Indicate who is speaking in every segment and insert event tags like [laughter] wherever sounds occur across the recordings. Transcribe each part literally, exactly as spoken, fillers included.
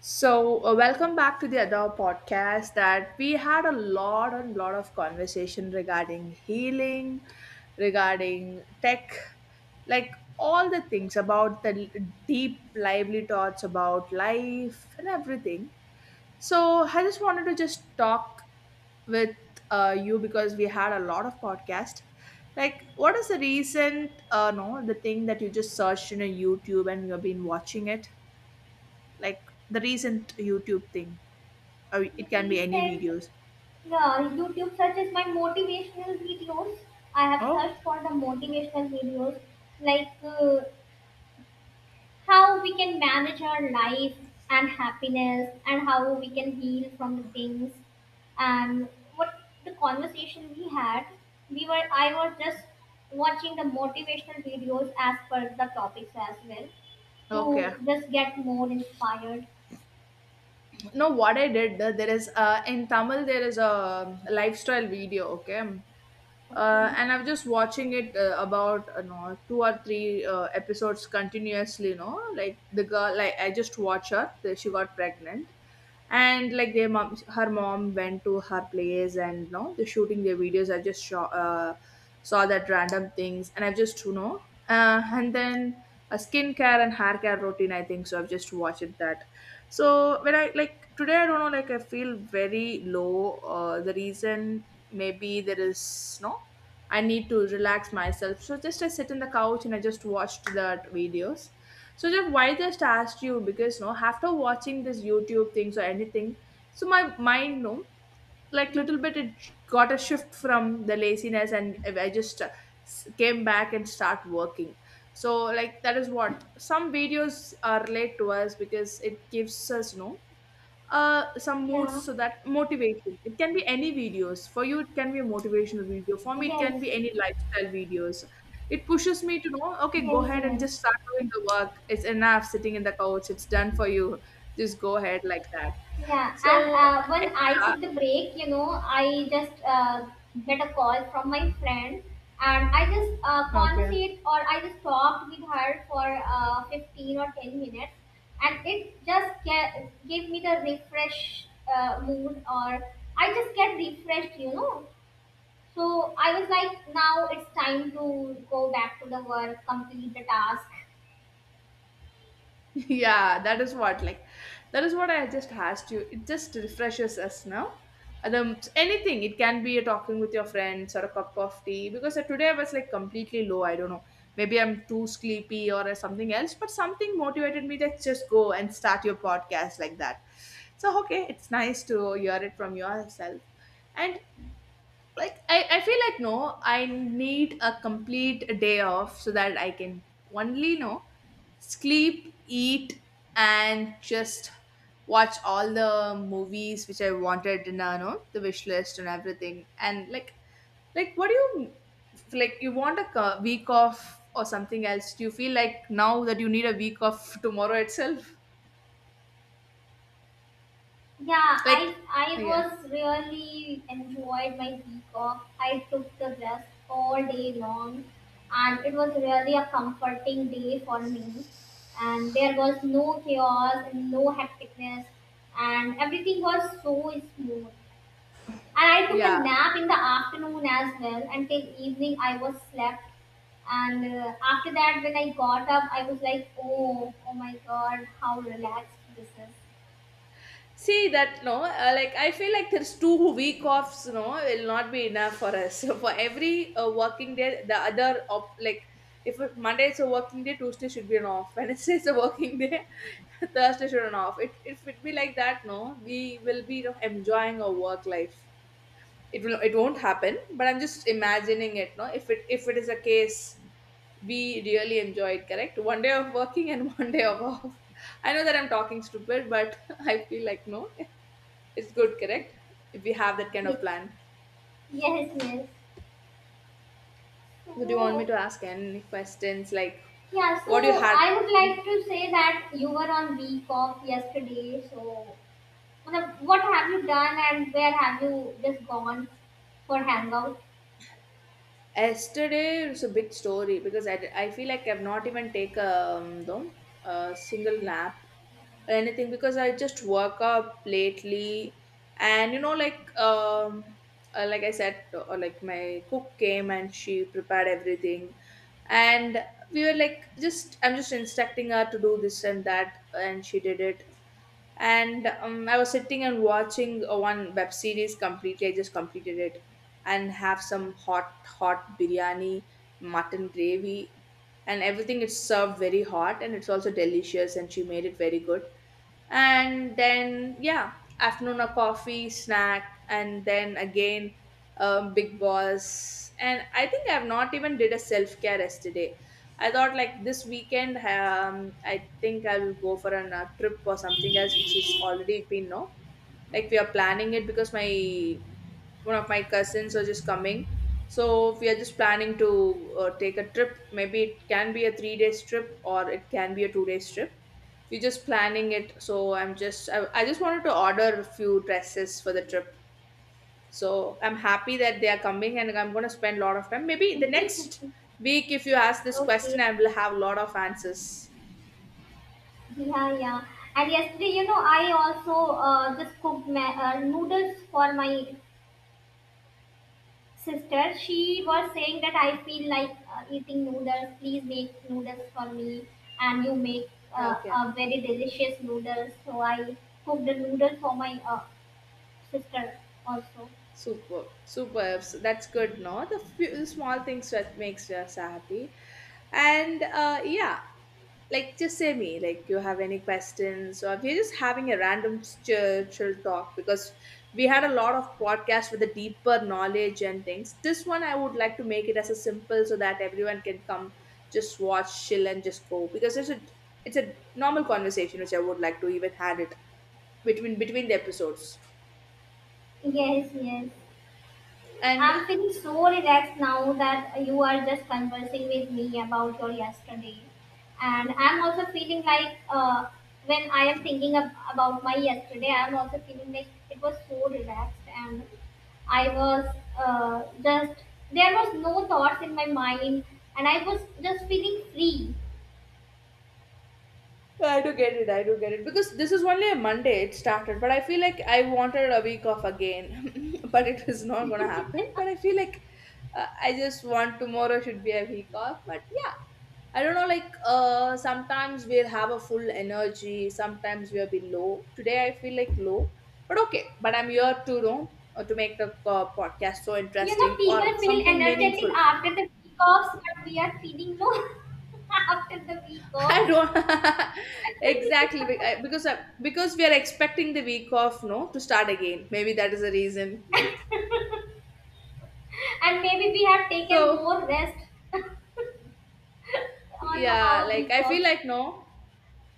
Speaker 1: So, uh, welcome back to the other podcast that we had a lot and lot of conversation regarding healing, regarding tech, like all the things about the l- deep, lively thoughts about life and everything. So, I just wanted to just talk with uh, you because we had a lot of podcast. Like, what is the recent, uh, no, the thing that you just searched in a YouTube and you've been watching it? Like, the recent YouTube thing. Or
Speaker 2: The
Speaker 1: it can be any
Speaker 2: recent,
Speaker 1: videos.
Speaker 2: yeah, YouTube searches my motivational videos. I have
Speaker 1: Oh.
Speaker 2: searched for the motivational videos like uh, how we can manage our life and happiness and how we can heal from the things and what the conversation we had we were I was just watching the motivational videos as per the topics as well to
Speaker 1: Okay.
Speaker 2: just get more inspired.
Speaker 1: No, what I did, uh, there is uh, in Tamil, there is a lifestyle video, okay? uh,
Speaker 2: Okay,
Speaker 1: and I'm just watching it uh, about uh, no, two or three uh, episodes continuously. You know, like the girl, like I just watch her. the- She got pregnant, and like their mom, her mom went to her place, and you know, the shooting their videos. I just saw uh, saw that random things, and I've just you know, uh, and then a skincare and hair care routine. I think so. I've just watched that. So when I like today, I don't know. Like, I feel very low. Uh, the reason maybe there is no I need to relax myself. So just I sit in the couch and I just watched that videos. So just why just asked you because no after watching this YouTube things or anything, so my mind no like
Speaker 2: yeah,
Speaker 1: little bit it got a shift from the laziness and I just uh, s- came back and start working. So like that is what some videos are relate to us because it gives us no uh some moods
Speaker 2: yeah,
Speaker 1: so that motivation. It can be any videos for you. It can be a motivational video for me. It can
Speaker 2: yes.
Speaker 1: be any lifestyle videos. It pushes me to know, okay, go
Speaker 2: Yes,
Speaker 1: ahead and
Speaker 2: yes.
Speaker 1: just start doing the work. It's enough sitting in the couch. It's done for you. Just go ahead like that.
Speaker 2: Yeah,
Speaker 1: So,
Speaker 2: and
Speaker 1: uh,
Speaker 2: uh, when I
Speaker 1: yeah.
Speaker 2: took the break, you know, I just uh, get a call from my friend and I just uh,
Speaker 1: Okay.
Speaker 2: conversate or I just talked with her for uh, fifteen or ten minutes, and it just ga- gave me the refresh uh, mood or I just get refreshed, you know. So I was like, now it's time to go back to the work, complete the task.
Speaker 1: [laughs] Yeah, that is what like that is what I just asked you. It just refreshes us now. And Um, anything, it can be a talking with your friends or a cup of tea because uh, today I was like completely low. I don't know. Maybe I'm too sleepy or uh, something else, but something motivated me to just go and start your podcast like that. So, okay, it's nice to hear it from yourself. And like, I, I feel like no I need a complete day off so that I can only no sleep, eat, and just watch all the movies which I wanted in uh, no, the wish list and everything. And like like what do you like you want a co- week off or something else. Do you feel like now that you need a week off tomorrow itself?
Speaker 2: Yeah, I
Speaker 1: Like,
Speaker 2: I
Speaker 1: yeah,
Speaker 2: was really enjoyed my week off. I took the rest all day long, and it was really a comforting day for me. And there was no chaos and no hecticness, and everything was so smooth. And I took a
Speaker 1: yeah.
Speaker 2: nap in the afternoon as well until evening. I was slept, and uh, after that, when I got up, I was like, oh, oh my god, how relaxed this is. [laughs]
Speaker 1: See that no, uh, like I feel like there's two week offs. No, will not be enough for us. [laughs] So for every uh, working day, the other op- like if it- Monday is a working day, Tuesday should be an off. [laughs] Wednesday is a working day, [laughs] Thursday should be an off. It if it be like that, no, we will be you know, enjoying our work life. It will it won't happen, but I'm just imagining it. No, if it if it is a case, we really enjoy it. Correct, one day of working and [laughs] one day of off. I know that I'm talking stupid, but [laughs] I feel like no. It's good, correct? If we have that kind of plan.
Speaker 2: Yes, yes.
Speaker 1: So, do you want me
Speaker 2: Oh,
Speaker 1: to ask any questions like
Speaker 2: yeah.
Speaker 1: what you
Speaker 2: So
Speaker 1: had
Speaker 2: I would like to say that you were on week off yesterday. So, मतलब, what have you done and where have you just gone for hangout?
Speaker 1: yesterday? It's a big story because I, I feel like I've not even taken um, though, a single nap or anything because I just woke up lately and you know, like, um, uh, like I said, uh, uh, like my cook came and she prepared everything, and we were like, just I'm just instructing her to do this and that, and she did it, and um, I was sitting and watching uh, one web series completely. I just completed it and have some hot hot biryani, mutton gravy, and everything. It's served very hot, and it's also delicious, and she made it very good. And then yeah, afternoon a coffee snack, and then again um, Big Boss. And I think I've not even did a self-care yesterday. I thought like this weekend um, I think I will go for a uh, trip or something else which is already been no like we are planning it because my one of my cousins are just coming. So we are just planning to uh, take a trip. Maybe it can be a three days trip or it can be a two days trip. We're just planning it. So I'm just I, I just wanted to order a few dresses for the trip. So I'm happy that they are coming, and I'm going to spend a lot of time. Maybe the next week if you ask this
Speaker 2: Okay.
Speaker 1: question I will have a lot of answers.
Speaker 2: Yeah, yeah. And yesterday, you know, I also uh, just cooked ma- uh, noodles for my sister. She was saying that I feel like uh, eating noodles. Please make noodles for me, and you make
Speaker 1: Yeah,
Speaker 2: uh,
Speaker 1: okay.
Speaker 2: a very delicious noodles. So I cooked the noodle for my uh, sister also.
Speaker 1: Super, superb. So that's good, no? The few the small things that makes us happy, and uh, yeah, like just say me, like you have any questions, or we're just having a random chill, chill talk because we had a lot of podcasts with a deeper knowledge and things. This one I would like to make it as a simple so that everyone can come, just watch, chill, and just go because it's a it's a normal conversation which I would like to even had it between between the episodes.
Speaker 2: Yes, yes.
Speaker 1: And
Speaker 2: I'm feeling so relaxed now that you are just conversing with me about your yesterday. And I'm also feeling like uh, when I am thinking ab- about my yesterday, I'm also feeling like it was so relaxed and I was uh, just, there was no thoughts in my mind and I was just feeling free.
Speaker 1: I do get it. I do get it because this is only a Monday it started, but I feel like I wanted a week off again, [laughs] but it is not gonna happen. But I feel like uh, I just want tomorrow should be a week off. But yeah, I don't know. Like, uh, sometimes we'll have a full energy. Sometimes we'll be low. Today I feel like low, but okay. But I'm here to know uh, to make the uh, podcast so
Speaker 2: You know,
Speaker 1: interesting or
Speaker 2: people feel
Speaker 1: something
Speaker 2: energetic
Speaker 1: meaningful.
Speaker 2: after the week offs, but we are feeling low [laughs] after the week
Speaker 1: I
Speaker 2: offs.
Speaker 1: don't [laughs] exactly
Speaker 2: [laughs]
Speaker 1: be- I- because I, because we are expecting the week off, no, to start again. Maybe that is the reason.
Speaker 2: And maybe we have taken
Speaker 1: So
Speaker 2: more rest on
Speaker 1: yeah,
Speaker 2: our
Speaker 1: like
Speaker 2: week
Speaker 1: I feel
Speaker 2: offs.
Speaker 1: like no,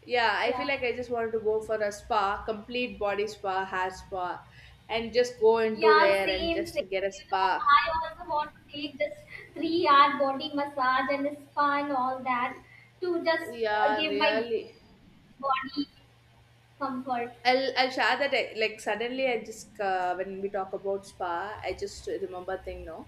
Speaker 1: yeah, I feel
Speaker 2: Yeah,
Speaker 1: like I just wanted to go for a spa, complete body spa, hair spa, and just go into
Speaker 2: yeah,
Speaker 1: there and
Speaker 2: same,
Speaker 1: just
Speaker 2: same.
Speaker 1: get a
Speaker 2: You know,
Speaker 1: spa.
Speaker 2: I also want to take just three-hour body massage and spa and all that to just uh,
Speaker 1: Yeah,
Speaker 2: give my
Speaker 1: really.
Speaker 2: body comfort.
Speaker 1: I'll I'll share that I, like suddenly I just uh, when we talk about spa I just remember thing no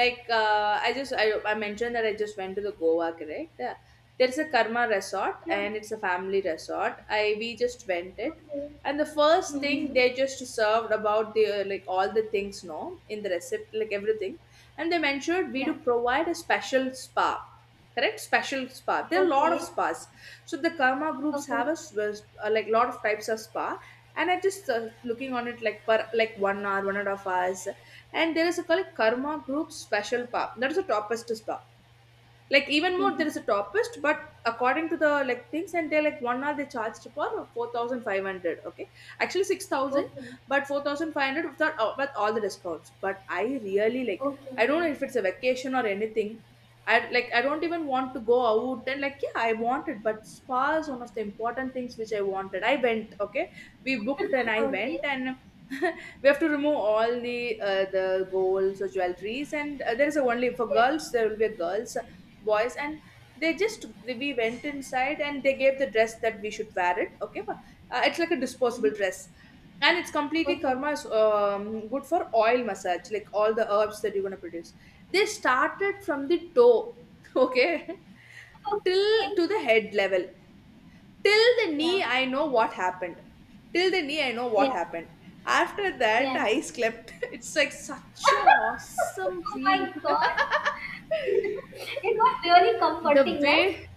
Speaker 1: like uh, I just I, I mentioned that I just went to the Goa, correct? Uh, there's a Karma resort
Speaker 2: Yeah.
Speaker 1: and it's a family resort. I we just went it.
Speaker 2: Okay.
Speaker 1: And the first thing
Speaker 2: Mm-hmm.
Speaker 1: they just served about the uh, like all the things no in the recipe like everything. And they mentioned we
Speaker 2: Yeah.
Speaker 1: do provide a special spa, correct? Special spa. There are a lot of
Speaker 2: Okay.
Speaker 1: spas. So the karma groups
Speaker 2: Okay.
Speaker 1: have a s- s- uh, like lot of types of spa. And I just uh, looking on it like per like one hour, one and a half hours. And there is a called karma group special spa. That is the toppest spa. Like even more
Speaker 2: Mm-hmm.
Speaker 1: there is a topist, but according to the like things, and they're like one hour they charged for four thousand five hundred. Okay, actually six thousand,
Speaker 2: Okay.
Speaker 1: but four thousand five hundred without uh, with all the discounts. But I really like
Speaker 2: Okay.
Speaker 1: I don't know if it's a vacation or anything. I like I don't even want to go out and like yeah I wanted, but spa is one of the important things which I wanted. I went, okay, we
Speaker 2: Okay.
Speaker 1: booked and I
Speaker 2: [laughs] Okay.
Speaker 1: went, and [laughs] we have to remove all the uh, the golds or jewelries and uh, there is a only for
Speaker 2: Yes.
Speaker 1: girls there will be a girls, boys, and they just we went inside and they gave the dress that we should wear it, okay? But, uh, it's like a disposable
Speaker 2: Mm-hmm.
Speaker 1: dress. And it's completely
Speaker 2: Okay.
Speaker 1: karma is um, good for oil massage like all the herbs that you're going to produce. They started from the toe. [laughs] Okay. Till
Speaker 2: Okay.
Speaker 1: to the head level. Till the
Speaker 2: Yeah.
Speaker 1: knee I know what happened. Till the knee I know what
Speaker 2: Yeah.
Speaker 1: happened. After that
Speaker 2: Yeah.
Speaker 1: I slept. [laughs] It's like such a awesome
Speaker 2: [laughs] Oh my
Speaker 1: feel.
Speaker 2: god.
Speaker 1: [laughs]
Speaker 2: [laughs] It was really
Speaker 1: The
Speaker 2: comforting, right?
Speaker 1: way,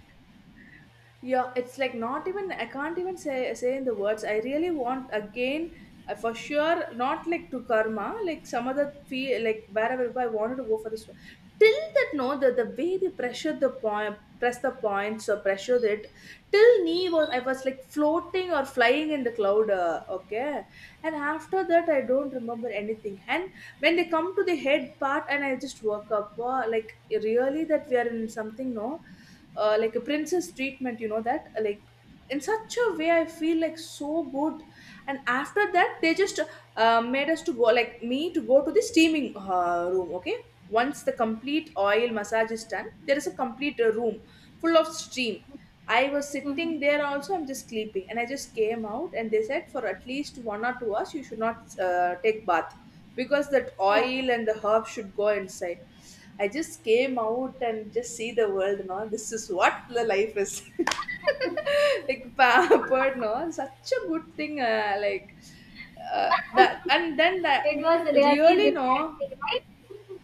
Speaker 1: yeah, it's like not even I can't even say say in the words. I really want again uh, for sure, not like to karma, like some other fee, like wherever I wanted to go for this one. Till that no the, the way they pressure the point, press the points or pressure it. Till knee was I was like floating or flying in the cloud. Uh, okay. And after that I don't remember anything. And when they come to the head part And I just woke up, uh, like really that we are in something, no? Uh, like a princess treatment, you know that. Uh, like in such a way I feel like so good. And after that they just uh, made us to go, like me to go to the steaming uh, room. Okay, once the complete oil massage is done, there is a complete uh, room full of steam. I was sitting
Speaker 2: Hmm.
Speaker 1: there also. I'm just sleeping, and I just came out, and they said for at least one or two hours you should not uh, take bath, because that
Speaker 2: Yeah.
Speaker 1: oil and the herb should go inside. I just came out and just see the world. No, this is what the life is. [laughs] Like pampered, no, such a good thing. Uh, like uh, that, and then that
Speaker 2: It was really
Speaker 1: really no.
Speaker 2: relaxing, right? [laughs]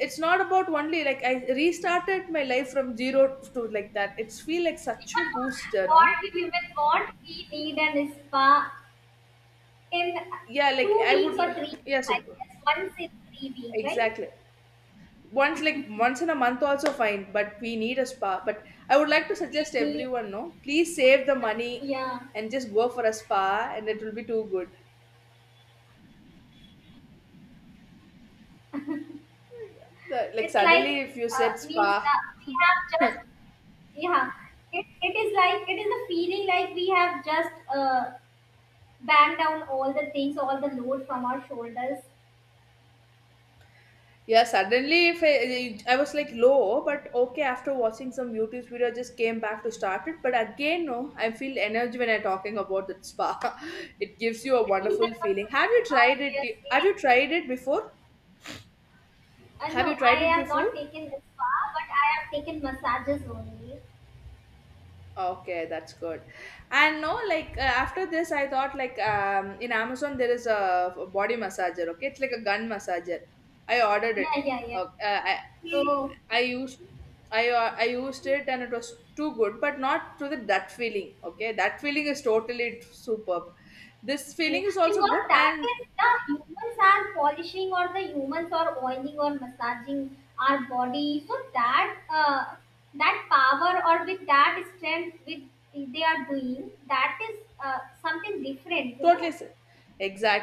Speaker 1: It's not about only like I restarted my life from zero to like that. It's feel like such a booster,
Speaker 2: What
Speaker 1: no?
Speaker 2: we women want, we need an spa in
Speaker 1: Yeah, like
Speaker 2: two
Speaker 1: I
Speaker 2: weeks or
Speaker 1: would.
Speaker 2: three
Speaker 1: Yeah,
Speaker 2: weeks,
Speaker 1: so
Speaker 2: I guess. Once in three weeks, right?
Speaker 1: exactly. Once like once in a month also fine, but we need a spa. But I would like to
Speaker 2: We
Speaker 1: suggest
Speaker 2: need,
Speaker 1: everyone, no, please save the money
Speaker 2: yeah.
Speaker 1: and just go for a spa and it will be too good. The, like
Speaker 2: It's
Speaker 1: suddenly
Speaker 2: like,
Speaker 1: if you said
Speaker 2: uh, means
Speaker 1: spa,
Speaker 2: that we have just, yeah. It, it is like, it is a feeling like we have just uh, bang down all the things, all the load from our shoulders.
Speaker 1: yeah, suddenly if I, I was like low, but okay, after watching some youtube video I just came back to start it. But again, no, I feel energy when I'm talking about that spa. [laughs] It gives you a wonderful feeling. Have you
Speaker 2: [laughs]
Speaker 1: tried
Speaker 2: Obviously.
Speaker 1: it? Have you tried it before?
Speaker 2: Uh,
Speaker 1: Have
Speaker 2: no,
Speaker 1: you
Speaker 2: I
Speaker 1: tried it
Speaker 2: have not
Speaker 1: before?
Speaker 2: taken this far, but I have taken massages only.
Speaker 1: Okay, that's good. And no, like uh, after this, I thought like um, in Amazon there is a, a body massager. Okay, it's like a gun massager. I ordered it.
Speaker 2: Yeah, yeah, yeah.
Speaker 1: Ok, Uh, I
Speaker 2: So,
Speaker 1: I used I uh, I used it and it was too good, but not to the that feeling. Okay, that feeling is totally superb. This
Speaker 2: yeah,
Speaker 1: feeling
Speaker 2: yeah,
Speaker 1: is also
Speaker 2: because
Speaker 1: good.
Speaker 2: that
Speaker 1: And
Speaker 2: is the humans are polishing or the humans are oiling or massaging our body. So that uh, that power or with that strength with they are doing that is uh, something different, you
Speaker 1: totally
Speaker 2: know.
Speaker 1: s-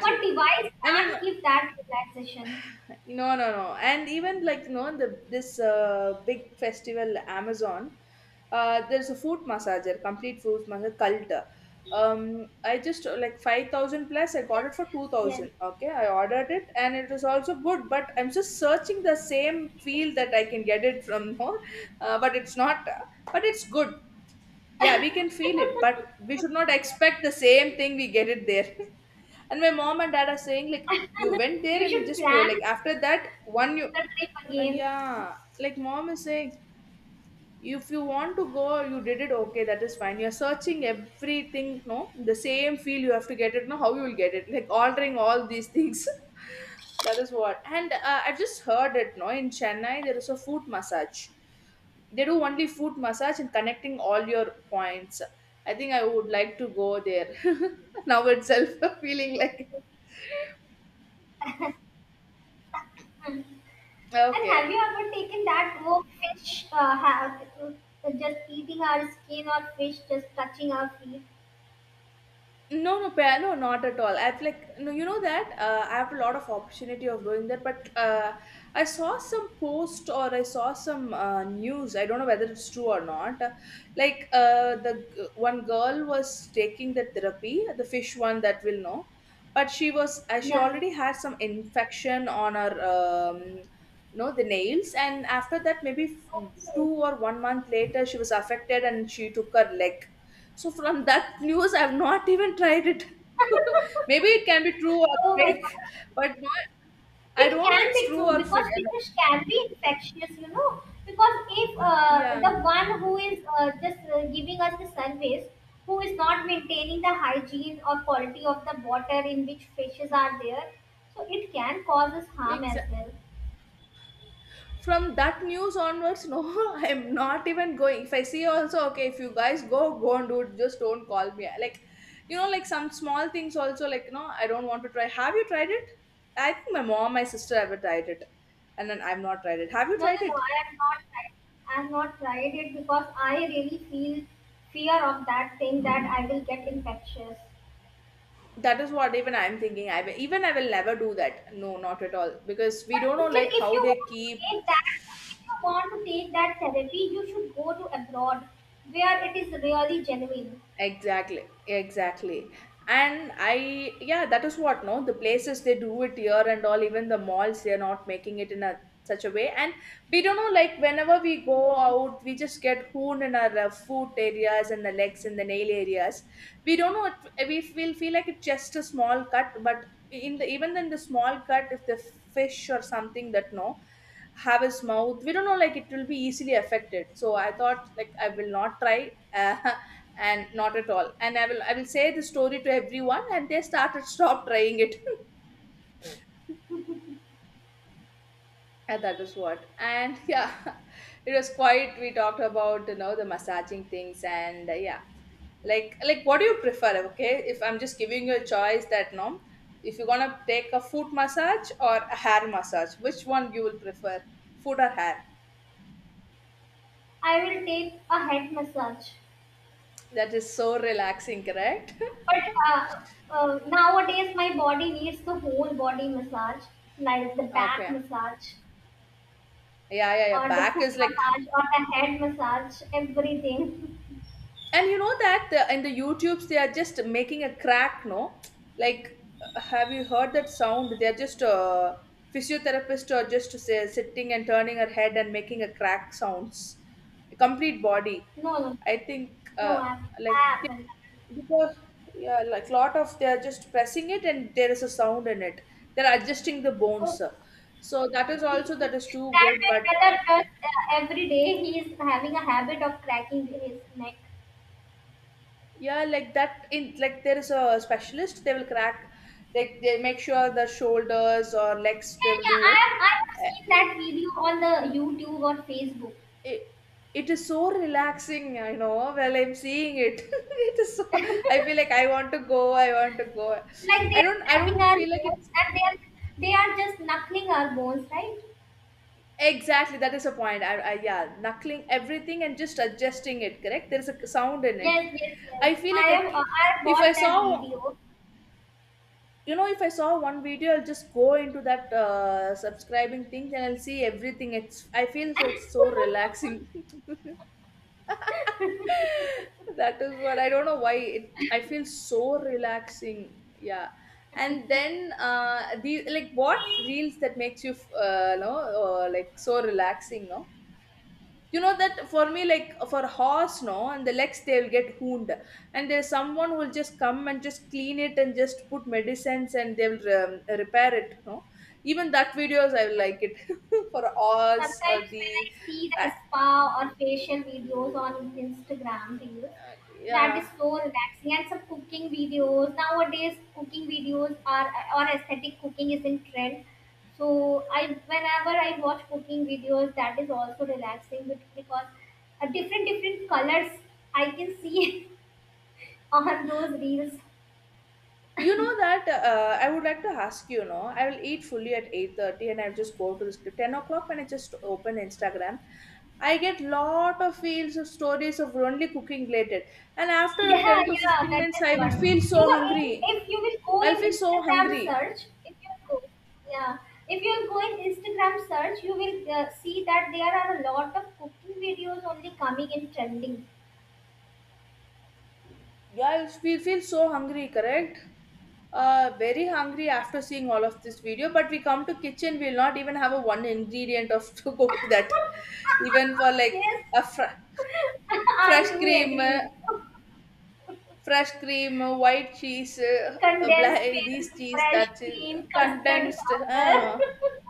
Speaker 2: One device
Speaker 1: And you know,
Speaker 2: can't give that relaxation.
Speaker 1: no, no, no. And even like you know the this uh, big festival Amazon, uh, there's a foot massager, complete foot massager cult. Um, I just uh, like five thousand plus. I
Speaker 2: Yes,
Speaker 1: got it for two
Speaker 2: yes,
Speaker 1: thousand. Okay, I ordered it and it was also good. But I'm just searching the same
Speaker 2: yes.
Speaker 1: feel that I can get it from. [laughs] No, uh, but it's not. But it's good. Yeah, we
Speaker 2: [laughs]
Speaker 1: can feel it,
Speaker 2: Oh
Speaker 1: but we
Speaker 2: my
Speaker 1: should not expect the same thing we get it there. [laughs] And my mom and dad are saying like
Speaker 2: God.
Speaker 1: you went
Speaker 2: [laughs]
Speaker 1: there
Speaker 2: You
Speaker 1: and
Speaker 2: should
Speaker 1: just poor
Speaker 2: plan
Speaker 1: like after that one you,
Speaker 2: the trip
Speaker 1: uh,
Speaker 2: again.
Speaker 1: yeah, like mom is saying, if you want to go you did it, okay, that is fine, you're searching everything, no, the same field you have to get it, no, how you will get it, like altering all these things. [laughs] That is what. And uh, I just heard it, no, in Chennai there is a foot massage. They do only foot massage and connecting all your points. I think I would like to go there. [laughs] Now itself. [laughs] Feeling like.
Speaker 2: Hmm. And
Speaker 1: Okay.
Speaker 2: have you ever taken that walk fish uh, have, uh, just eating our skin or fish just touching our feet?
Speaker 1: No, no, pa- no, not at all. I've like, no, you know that uh, I have a lot of opportunity of doing that, but uh, I saw some post or I saw some uh, news. I don't know whether it's true or not. Uh, like uh, the g- one girl was taking the therapy, the fish one that will know, but she was uh, she
Speaker 2: Yeah.
Speaker 1: already had some infection on her, um, no, the nails, and after that, maybe f-
Speaker 2: Okay.
Speaker 1: two or one month later, she was affected and she took her leg. So from that news, I've not even tried it. [laughs] Maybe it can be true or
Speaker 2: [laughs] Oh my god.
Speaker 1: fake, but not, I don't
Speaker 2: It
Speaker 1: know
Speaker 2: can
Speaker 1: it's
Speaker 2: be
Speaker 1: true
Speaker 2: true
Speaker 1: or fake.
Speaker 2: because fish can be infectious, you know. Because if uh,
Speaker 1: Yeah,
Speaker 2: the one who is uh, just uh, giving us the service, who is not maintaining the hygiene or quality of the water in which fishes are there, so it can cause us harm as
Speaker 1: exactly.
Speaker 2: well.
Speaker 1: From that news onwards, no, [laughs] I'm not even going. If I see also, okay, if you guys go, go and do it. Just don't call me. Like, you know, like some small things also. Like, no, I don't want to try. Have you tried it? I think my mom, my sister ever tried it, and then I've not tried it. Have you
Speaker 2: No, no,
Speaker 1: tried
Speaker 2: no.
Speaker 1: it?
Speaker 2: I have not tried. I have not tried it because I really feel fear of that thing that I will get infectious.
Speaker 1: That is what even I'm thinking. I will, even I will never do that, no, not at all, because we
Speaker 2: But
Speaker 1: don't know
Speaker 2: still,
Speaker 1: like
Speaker 2: if
Speaker 1: how
Speaker 2: you
Speaker 1: they
Speaker 2: want to
Speaker 1: keep.
Speaker 2: take that, if you want to take that therapy, you should go to abroad, where it is really genuine.
Speaker 1: Exactly, exactly. And I, yeah, that is what, no, the places they do it here and all, even the malls, they're not making it in a such a way. And we don't know, like, whenever we go
Speaker 2: Yeah.
Speaker 1: out, we just get hooned in our uh, foot areas and the legs and the nail areas. We don't know, it, we will feel like it's just a small cut, but in the even in the small cut, if the fish or something that, no, have his mouth, we don't know, like it will be easily affected. So I thought like I will not try. [laughs] And not at all. And i will I will say the story to everyone and they started stop trying it. [laughs] And that is what. And yeah. [laughs] It was quite we talked about, you know, the massaging things. And uh, yeah, like like what do you prefer. Okay, if I'm just giving you a choice that no, if you're gonna take a foot massage or a hair massage, which one you will prefer, foot or hair?
Speaker 2: I will take a head massage.
Speaker 1: That is so relaxing, correct?
Speaker 2: But uh, uh, nowadays, my body needs the whole body massage, like the
Speaker 1: [laughs]
Speaker 2: back
Speaker 1: Okay.
Speaker 2: massage,
Speaker 1: Yeah, yeah, yeah,
Speaker 2: or the
Speaker 1: back
Speaker 2: foot
Speaker 1: is like.
Speaker 2: massage, or the head massage, everything. [laughs]
Speaker 1: And you know that the, in the youtubes they are just making a crack, no? Like uh, have you heard that sound? They are just uh, physiotherapist or just to say, sitting and turning her head and making a crack sounds, complete body.
Speaker 2: No, no,
Speaker 1: I think
Speaker 2: no,
Speaker 1: uh,
Speaker 2: I,
Speaker 1: like
Speaker 2: I
Speaker 1: they-
Speaker 2: haven't.
Speaker 1: because yeah, like lot of they are just pressing it and there is a sound in it. They're adjusting the
Speaker 2: Oh.
Speaker 1: bones. So that is also, that is too
Speaker 2: That
Speaker 1: good,
Speaker 2: way,
Speaker 1: but
Speaker 2: whether just uh, every day he is having a habit of cracking his neck.
Speaker 1: yeah, like that. In like there is a specialist, they will crack, like they make sure the shoulders or legs, they
Speaker 2: Yeah,
Speaker 1: will
Speaker 2: yeah,
Speaker 1: do
Speaker 2: I
Speaker 1: it.
Speaker 2: have, I have
Speaker 1: Uh,
Speaker 2: seen that video on the YouTube or Facebook.
Speaker 1: It, it is so relaxing, I know, while I'm seeing it. [laughs] It is so, I feel
Speaker 2: [laughs]
Speaker 1: like I want to go, I want to go.
Speaker 2: Like they
Speaker 1: I
Speaker 2: are
Speaker 1: don't I
Speaker 2: cracking
Speaker 1: don't
Speaker 2: our
Speaker 1: feel like
Speaker 2: bones
Speaker 1: it's
Speaker 2: and they are they are just knuckling our bones, right?
Speaker 1: exactly that is a point. I, I yeah, knuckling everything and just adjusting it, correct? There is a sound in it.
Speaker 2: Yes, yes, yes.
Speaker 1: I feel
Speaker 2: I
Speaker 1: like I,
Speaker 2: have uh,
Speaker 1: ca-
Speaker 2: I have
Speaker 1: if I
Speaker 2: watched that
Speaker 1: saw
Speaker 2: video.
Speaker 1: You know, if I saw one video, I'll just go into that uh, subscribing thing and I'll see everything. It's I feel like so relaxing.
Speaker 2: [laughs]
Speaker 1: [laughs] That is what. I don't know why it I feel so relaxing. Yeah. And then uh the like what reels that makes you uh no uh, like so relaxing, no? You know that for me, like for horse, no, and the legs they'll get wound, and there's someone will just come and just clean it and just put medicines and they'll um, repair it, no? Even that videos I will like it. [laughs] For horse
Speaker 2: Sometimes
Speaker 1: or
Speaker 2: when I
Speaker 1: the
Speaker 2: see
Speaker 1: uh,
Speaker 2: the spa or facial videos on Instagram reels,
Speaker 1: uh,
Speaker 2: that is
Speaker 1: yeah.
Speaker 2: so relaxing. And some cooking videos nowadays, cooking videos are or aesthetic cooking is in trend. So I whenever I watch cooking videos, that is also relaxing with- because uh, different different colors I can see [laughs] on those reels.
Speaker 1: You know that uh, I would like to ask you, know, I will eat fully at eight thirty and I'll just go to the ten o'clock when I just open Instagram. I get lot of feels of stories of only cooking related. And after a
Speaker 2: Yeah,
Speaker 1: ten to
Speaker 2: yeah,
Speaker 1: fifteen
Speaker 2: that
Speaker 1: minutes,
Speaker 2: is
Speaker 1: I will
Speaker 2: what.
Speaker 1: feel
Speaker 2: You
Speaker 1: so
Speaker 2: go in,
Speaker 1: hungry.
Speaker 2: if you will go
Speaker 1: I'll
Speaker 2: in
Speaker 1: feel so
Speaker 2: Instagram
Speaker 1: hungry.
Speaker 2: search, if you go, yeah, if you will go in Instagram search, you will uh, see that there are a lot of cooking videos only coming in trending.
Speaker 1: Yeah, I'll feel, feel so hungry, correct? Uh, very hungry after seeing all of this video, but we come to kitchen, we'll not even have a one ingredient of [laughs] to cook that. Even for
Speaker 2: [laughs]
Speaker 1: like
Speaker 2: Yes.
Speaker 1: a fry.
Speaker 2: [laughs] I
Speaker 1: fresh
Speaker 2: do
Speaker 1: cream
Speaker 2: agree
Speaker 1: uh,
Speaker 2: with you.
Speaker 1: Fresh cream, uh, white cheese, uh, uh, black,
Speaker 2: Condensed
Speaker 1: eh,
Speaker 2: milk,
Speaker 1: these cheese,
Speaker 2: fresh
Speaker 1: that is
Speaker 2: cream, custard
Speaker 1: condensed,
Speaker 2: powder.
Speaker 1: uh,
Speaker 2: [laughs]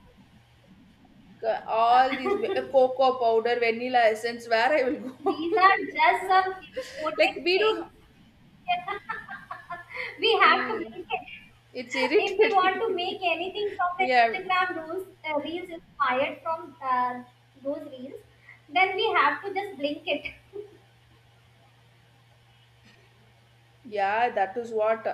Speaker 1: c- all these uh, cocoa powder, vanilla essence, where I will go?
Speaker 2: These are just some
Speaker 1: [laughs] Like
Speaker 2: important
Speaker 1: we do.
Speaker 2: things [laughs] we have to
Speaker 1: Mm,
Speaker 2: make it.
Speaker 1: it's
Speaker 2: If we want to
Speaker 1: irritating.
Speaker 2: make anything from
Speaker 1: [laughs]
Speaker 2: the
Speaker 1: Yeah.
Speaker 2: Instagram rules, uh, reels inspired from uh, those reels, then we have to just blink it. [laughs]
Speaker 1: Yeah, that is what.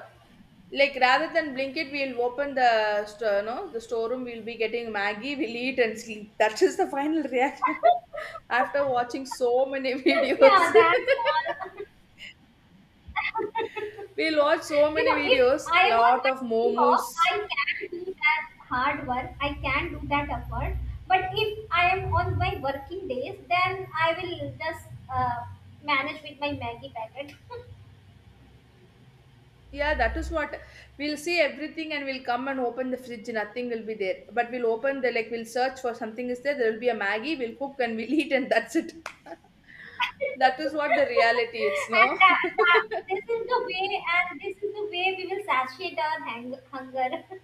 Speaker 1: Like rather than Blinkit, we'll open the st- no the storeroom. We'll be getting Maggie. We'll eat and sleep. [laughs] That is the final reaction [laughs] after watching so many
Speaker 2: Yeah,
Speaker 1: videos.
Speaker 2: that's all. [laughs] [laughs]
Speaker 1: [laughs] We'll watch so
Speaker 2: You
Speaker 1: many
Speaker 2: know, if
Speaker 1: videos.
Speaker 2: I am on
Speaker 1: Lot
Speaker 2: my
Speaker 1: of
Speaker 2: week off,
Speaker 1: momos.
Speaker 2: I can do that hard work. I can do that effort. But if I am on my working days, then I will just uh, manage with my Maggie packet. [laughs] And
Speaker 1: Yeah, that is what. We'll see everything and we'll come and open the fridge. Nothing will be there. But we'll open the like we'll search for something is there. There will be a Maggie. We'll cook and we'll [laughs] eat and that's it. [laughs] That is what the reality is. No.
Speaker 2: that,
Speaker 1: [laughs]
Speaker 2: that, this is the way, and this is the way we will satiate our hang- hunger. [laughs] And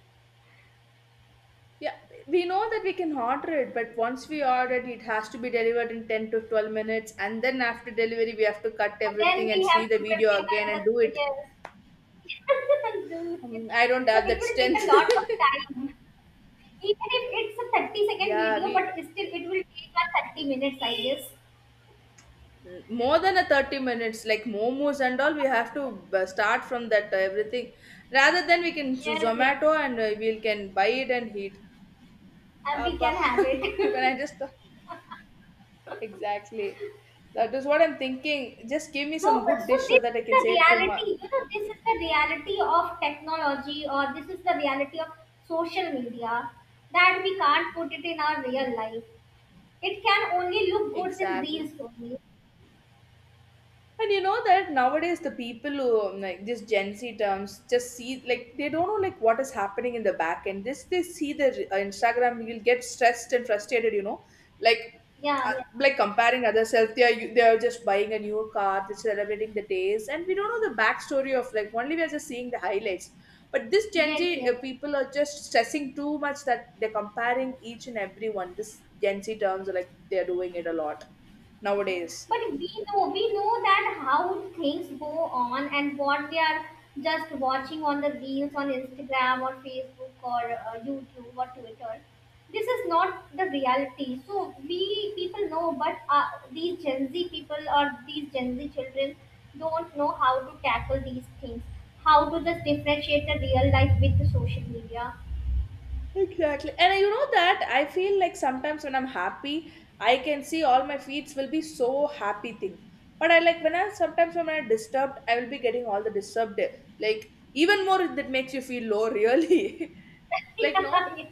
Speaker 1: Yeah, we know that we can order it, but once we order it, it has to be delivered in ten to twelve minutes. And then after delivery, we have to cut
Speaker 2: then
Speaker 1: everything and
Speaker 2: we
Speaker 1: see
Speaker 2: have
Speaker 1: the
Speaker 2: to
Speaker 1: video
Speaker 2: prepare
Speaker 1: again and do
Speaker 2: the
Speaker 1: it.
Speaker 2: yes. [laughs] Do it.
Speaker 1: Um, I don't
Speaker 2: So
Speaker 1: have
Speaker 2: it
Speaker 1: that
Speaker 2: will take a
Speaker 1: strength.
Speaker 2: lot of time. Even if it's a 30
Speaker 1: [laughs]
Speaker 2: second
Speaker 1: Yeah,
Speaker 2: video,
Speaker 1: we
Speaker 2: but still it will take like thirty minutes, I guess.
Speaker 1: more than a thirty minutes, like momos and all, we have to uh, start from that uh, everything. Rather than we can z-
Speaker 2: Yes, yes.
Speaker 1: Zomato and uh, we can buy it and eat.
Speaker 2: And we
Speaker 1: Appa.
Speaker 2: can have
Speaker 1: [laughs] when
Speaker 2: it.
Speaker 1: I
Speaker 2: [laughs]
Speaker 1: just exactly, that is what I'm thinking. Just give me
Speaker 2: So,
Speaker 1: some good
Speaker 2: so
Speaker 1: dish so
Speaker 2: this
Speaker 1: that I
Speaker 2: is
Speaker 1: can
Speaker 2: the
Speaker 1: say it to my.
Speaker 2: reality, you know, this is the reality of technology or this is the reality of social media that we can't put it in our real life. It can only look good in
Speaker 1: Exactly.
Speaker 2: reels only.
Speaker 1: And you know that nowadays the people who um, like this Gen Z terms just see, like they don't know like what is happening in the back end. This they see the uh, Instagram, you'll get stressed and frustrated. You know, like
Speaker 2: Yeah,
Speaker 1: uh,
Speaker 2: yeah.
Speaker 1: like comparing ourselves. They are they are just buying a new car, they're celebrating the days, and we don't know the backstory of, like, only we are just seeing the highlights. But this Gen
Speaker 2: Yes,
Speaker 1: Z
Speaker 2: yes.
Speaker 1: uh, people are just stressing too much that they're comparing each and every one. This Gen Z terms are like they're doing it a lot nowadays.
Speaker 2: But we know we know that how things go on and what they are just watching on the reels on Instagram or Facebook or uh, YouTube or Twitter. This is not the reality, so we people know, but uh, these Gen Z people or these Gen Z children don't know how to tackle these things, how to just differentiate the real life with the social media.
Speaker 1: Exactly. And you know that I feel like sometimes when I'm happy, I can see all my feeds will be so happy thing. But I like when I sometimes when I'm disturbed, I will be getting all the disturbed, like even more that makes you feel low, really.
Speaker 2: [laughs]
Speaker 1: [laughs] Like, no,
Speaker 2: Yeah.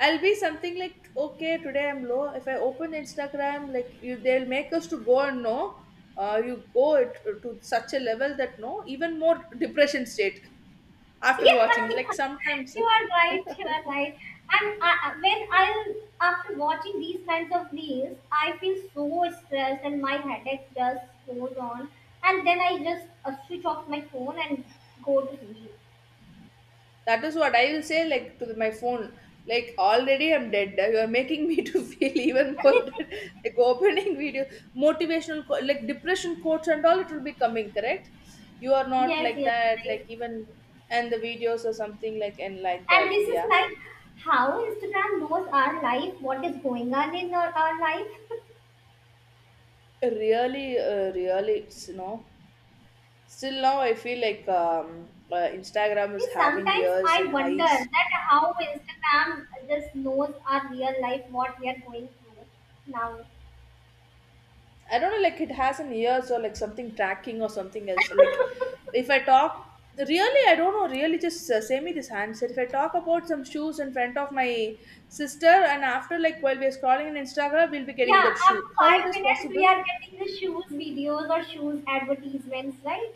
Speaker 1: I'll be something like, okay, today I'm low. If I open Instagram, like you, they'll make us to go and no, uh, you go it to such a level that no even more depression state [laughs]
Speaker 2: [laughs] Yeah,
Speaker 1: after watching. Like
Speaker 2: yeah,
Speaker 1: sometimes.
Speaker 2: you are right. You are right. And I, I- when I, after watching these kinds of reels, I feel so stressed and my headache just goes on. And then I just uh, switch off my phone and go to sleep.
Speaker 1: That is what I will say, like to my phone, like already I'm dead. You are making me [laughs] to feel even more dead.
Speaker 2: [laughs]
Speaker 1: Like opening video, motivational, qu- like depression quotes and all, it will be coming, correct? You are not
Speaker 2: Yes,
Speaker 1: like
Speaker 2: yes,
Speaker 1: that,
Speaker 2: right.
Speaker 1: like even and the videos or something, like and like
Speaker 2: And
Speaker 1: that.
Speaker 2: this is
Speaker 1: Yeah,
Speaker 2: like how Instagram knows our life, what is going on in our, our life. [laughs]
Speaker 1: really, uh, really, it's, you know. Still now, I feel like um, uh, Instagram is
Speaker 2: See,
Speaker 1: having
Speaker 2: sometimes
Speaker 1: years
Speaker 2: I
Speaker 1: and
Speaker 2: wonder
Speaker 1: highs.
Speaker 2: that how Instagram just knows our real life, what we are going through now.
Speaker 1: I don't know, like it has an ears or like something tracking or something else. Like if
Speaker 2: [laughs]
Speaker 1: I talk, really, I don't know, really just uh, say me this handset. If I talk about some shoes in front of my sister and after, like while we are scrolling on Instagram, we'll be getting
Speaker 2: Yeah,
Speaker 1: that shoe.
Speaker 2: after
Speaker 1: How it
Speaker 2: five
Speaker 1: is
Speaker 2: minutes, we
Speaker 1: possible?
Speaker 2: are getting the shoes videos or shoes advertisements, right?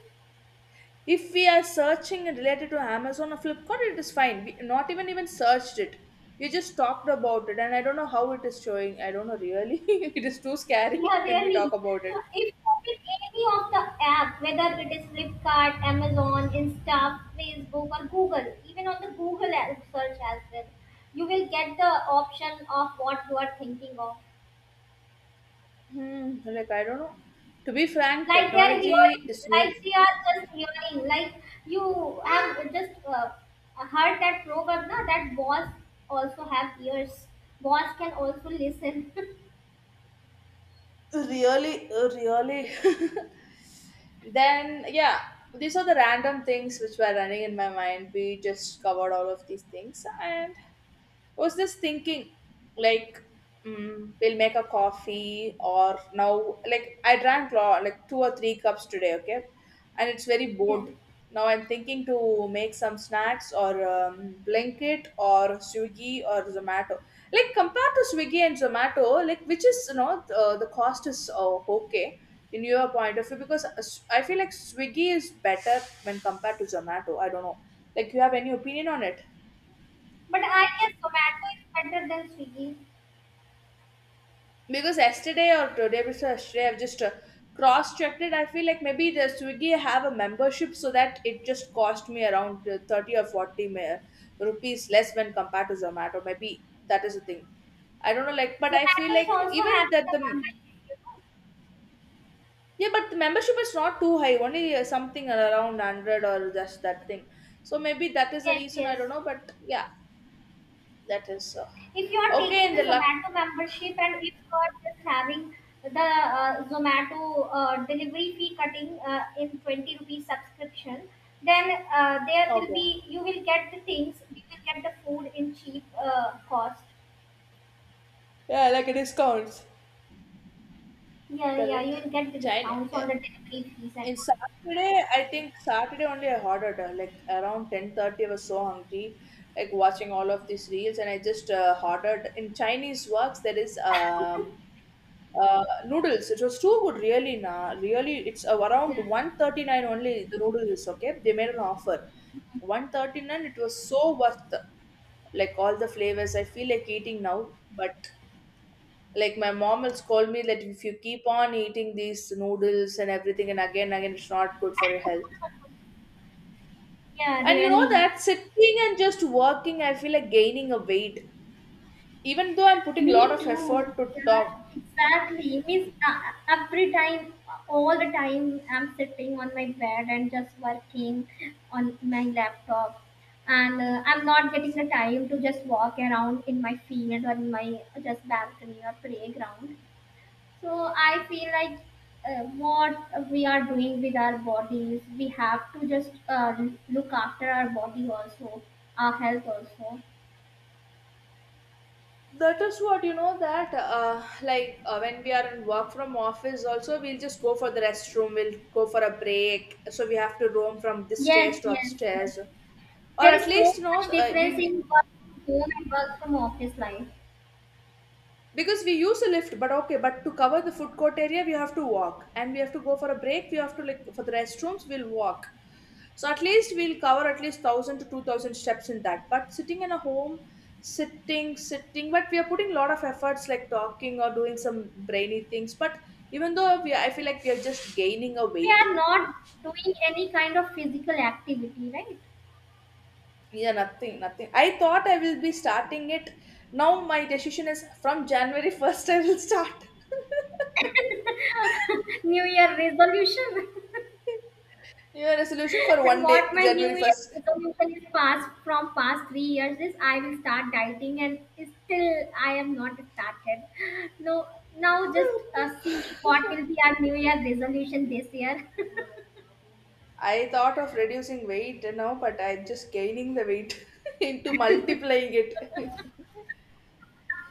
Speaker 1: If we are searching and related to Amazon or Flipkart, it is fine. We not even even searched it. We just talked about it, and I don't know how it is showing. I don't know, really. [laughs] It is too scary
Speaker 2: Yeah,
Speaker 1: [laughs] when we talk
Speaker 2: really.
Speaker 1: about it.
Speaker 2: If you open any of the app, whether it is Flipkart, Amazon, Insta, Facebook, or Google, even on the Google ad- search as well, you will get the option of what you are thinking of.
Speaker 1: Hmm, like I don't know. To be frank,
Speaker 2: Like they are
Speaker 1: technology
Speaker 2: hearing,
Speaker 1: is
Speaker 2: like
Speaker 1: used,
Speaker 2: they are just hearing, like you have just uh, heard that proverb, na, that boss also have ears. Boss can also listen. [laughs]
Speaker 1: really, really. [laughs] Then, yeah, these are the random things which were running in my mind. We just covered all of these things and was just thinking, like mm, we'll make a coffee or now, like I drank lo- like two or three cups today. Okay, and it's very
Speaker 2: Yeah.
Speaker 1: bored. Now I'm thinking to make some snacks or um, blanket or Swiggy or Zomato. Like, compared to Swiggy and Zomato, like, which is, you know, the, the cost is uh, okay in your point of view? Because uh, s- I feel like Swiggy is better when compared to Zomato. I don't know, like you have any opinion on it?
Speaker 2: But I guess Zomato is better than Swiggy.
Speaker 1: Because yesterday or the day before yesterday, I've just uh, cross-checked it. I feel like maybe the Swiggy have a membership so that it just cost me around uh, thirty or forty ma- rupees less when compared to Zomato. Maybe that is the thing. I don't know, like, but I feel
Speaker 2: Zomato is
Speaker 1: like
Speaker 2: also
Speaker 1: even
Speaker 2: having
Speaker 1: that
Speaker 2: the
Speaker 1: the...
Speaker 2: membership, you know.
Speaker 1: Yeah, but the membership is not too high only, uh, something around one hundred or just that thing, so maybe that is the
Speaker 2: Yes,
Speaker 1: reason. I
Speaker 2: yes.
Speaker 1: don't know, but yeah. That is uh,
Speaker 2: If you are
Speaker 1: okay
Speaker 2: taking
Speaker 1: in
Speaker 2: the
Speaker 1: the luck.
Speaker 2: Zomato membership and if you are just having the uh, Zomato uh, delivery fee cutting uh, in twenty rupees subscription, then uh, there will
Speaker 1: Okay.
Speaker 2: be you will get the things, you will get the food in cheap uh, cost.
Speaker 1: Yeah, like a discounts.
Speaker 2: Yeah, yeah, you
Speaker 1: Correct.
Speaker 2: will get the
Speaker 1: China
Speaker 2: discounts
Speaker 1: eh,
Speaker 2: on the delivery fees and
Speaker 1: in
Speaker 2: all.
Speaker 1: Saturday, I think Saturday only I ordered uh, like around ten thirty. I was so hungry, like watching all of these reels, and I just uh, ordered in Chinese works. There is um. Uh, noodles. It was too good, really. Nah, really. It's uh,
Speaker 2: [laughs]
Speaker 1: around
Speaker 2: Yeah.
Speaker 1: one thirty nine only. The noodles is okay. They made an offer, one thirty nine. It was so worth. Like all the flavors I feel like eating now, but like my mom will scold me that if you keep on eating these noodles and everything, and again again it's not good for your health.
Speaker 2: [laughs] Yeah,
Speaker 1: And you know
Speaker 2: really.
Speaker 1: that sitting and just working, I feel like gaining a weight. Even though I'm putting a lot
Speaker 2: Me
Speaker 1: of
Speaker 2: too.
Speaker 1: effort to
Speaker 2: Yeah,
Speaker 1: talk,
Speaker 2: exactly. Means uh, every time, all the time, I'm sitting on my bed and just working on my laptop, and uh, I'm not getting the time to just walk around in my field or in my just balcony or playground. So I feel like uh, what we are doing with our bodies, we have to just uh, look after our body also, our health also.
Speaker 1: that is what, you know, that uh, like uh, when we are in work from office also, we'll just go for the restroom, we'll go for a break, so we have to roam from this
Speaker 2: Yes,
Speaker 1: stairs to
Speaker 2: yes, yes.
Speaker 1: upstairs, or
Speaker 2: There
Speaker 1: at
Speaker 2: is so
Speaker 1: least, you
Speaker 2: much
Speaker 1: know, uh,
Speaker 2: difference
Speaker 1: we'll,
Speaker 2: in work from home and work from office life.
Speaker 1: because we use a lift. But okay, but to cover the food court area, we have to walk, and we have to go for a break, we have to, like, for the restrooms, we'll walk. So at least we'll cover at least one thousand to two thousand steps in that. But sitting in a home, sitting sitting, but we are putting a lot of efforts, like talking or doing some brainy things. But even though we, I feel like we are just gaining a
Speaker 2: We
Speaker 1: weight.
Speaker 2: are not doing any kind of physical activity, right?
Speaker 1: Yeah, nothing, nothing. I thought I will be starting it. Now my decision is from January [laughs] first, I will start. [laughs]
Speaker 2: [laughs] New Year resolution.
Speaker 1: Your resolution for
Speaker 2: [laughs] And
Speaker 1: one day,
Speaker 2: what my New
Speaker 1: January
Speaker 2: Year
Speaker 1: 1st.
Speaker 2: resolution is past from past three years is I will start dieting and still I am not started. No, now just uh, see what will
Speaker 1: [laughs]
Speaker 2: be our New Year resolution this year.
Speaker 1: I thought of reducing weight now, but I'm just gaining the weight [laughs] into multiplying it.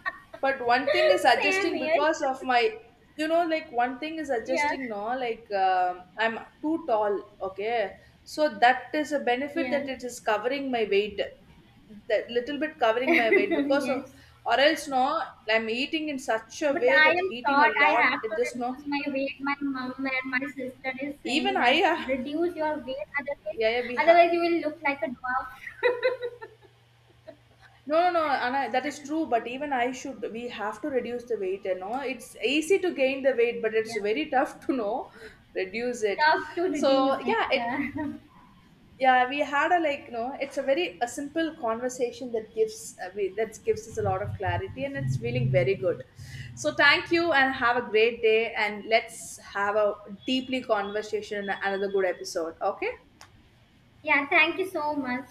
Speaker 1: [laughs] But one thing is
Speaker 2: [laughs] Same
Speaker 1: adjusting
Speaker 2: here.
Speaker 1: because of my, you know, like one thing is
Speaker 2: Yeah.
Speaker 1: adjusting now, like um, I'm too tall, okay? So that is a benefit that
Speaker 2: Yeah.
Speaker 1: it is covering my weight, that little bit covering my weight because of,
Speaker 2: [laughs] Yes.
Speaker 1: or else no, I'm eating in such a
Speaker 2: But
Speaker 1: way
Speaker 2: I
Speaker 1: that
Speaker 2: am
Speaker 1: eating a
Speaker 2: short. I have
Speaker 1: lot, it
Speaker 2: to
Speaker 1: just no.
Speaker 2: reduce my weight. My mom and my sister is saying
Speaker 1: Even I,
Speaker 2: that
Speaker 1: ha-
Speaker 2: reduce your weight, otherwise,
Speaker 1: yeah, yeah, we have.
Speaker 2: otherwise you will look like a dwarf.
Speaker 1: No, no, no, Anna, that is true. But even I should, we have to reduce the weight. You know, it's easy to gain the weight, but it's
Speaker 2: Yeah,
Speaker 1: very [laughs] tough to know, reduce it.
Speaker 2: tough to
Speaker 1: So
Speaker 2: reduce
Speaker 1: yeah, it,
Speaker 2: it. [laughs]
Speaker 1: yeah, we had a, like, you know, it's a very a simple conversation that gives, uh, we, that gives us a lot of clarity and it's feeling very good. So thank you, and have a great day, and let's have a deeply conversation in another good episode. Okay.
Speaker 2: Yeah, yeah. Thank you so much.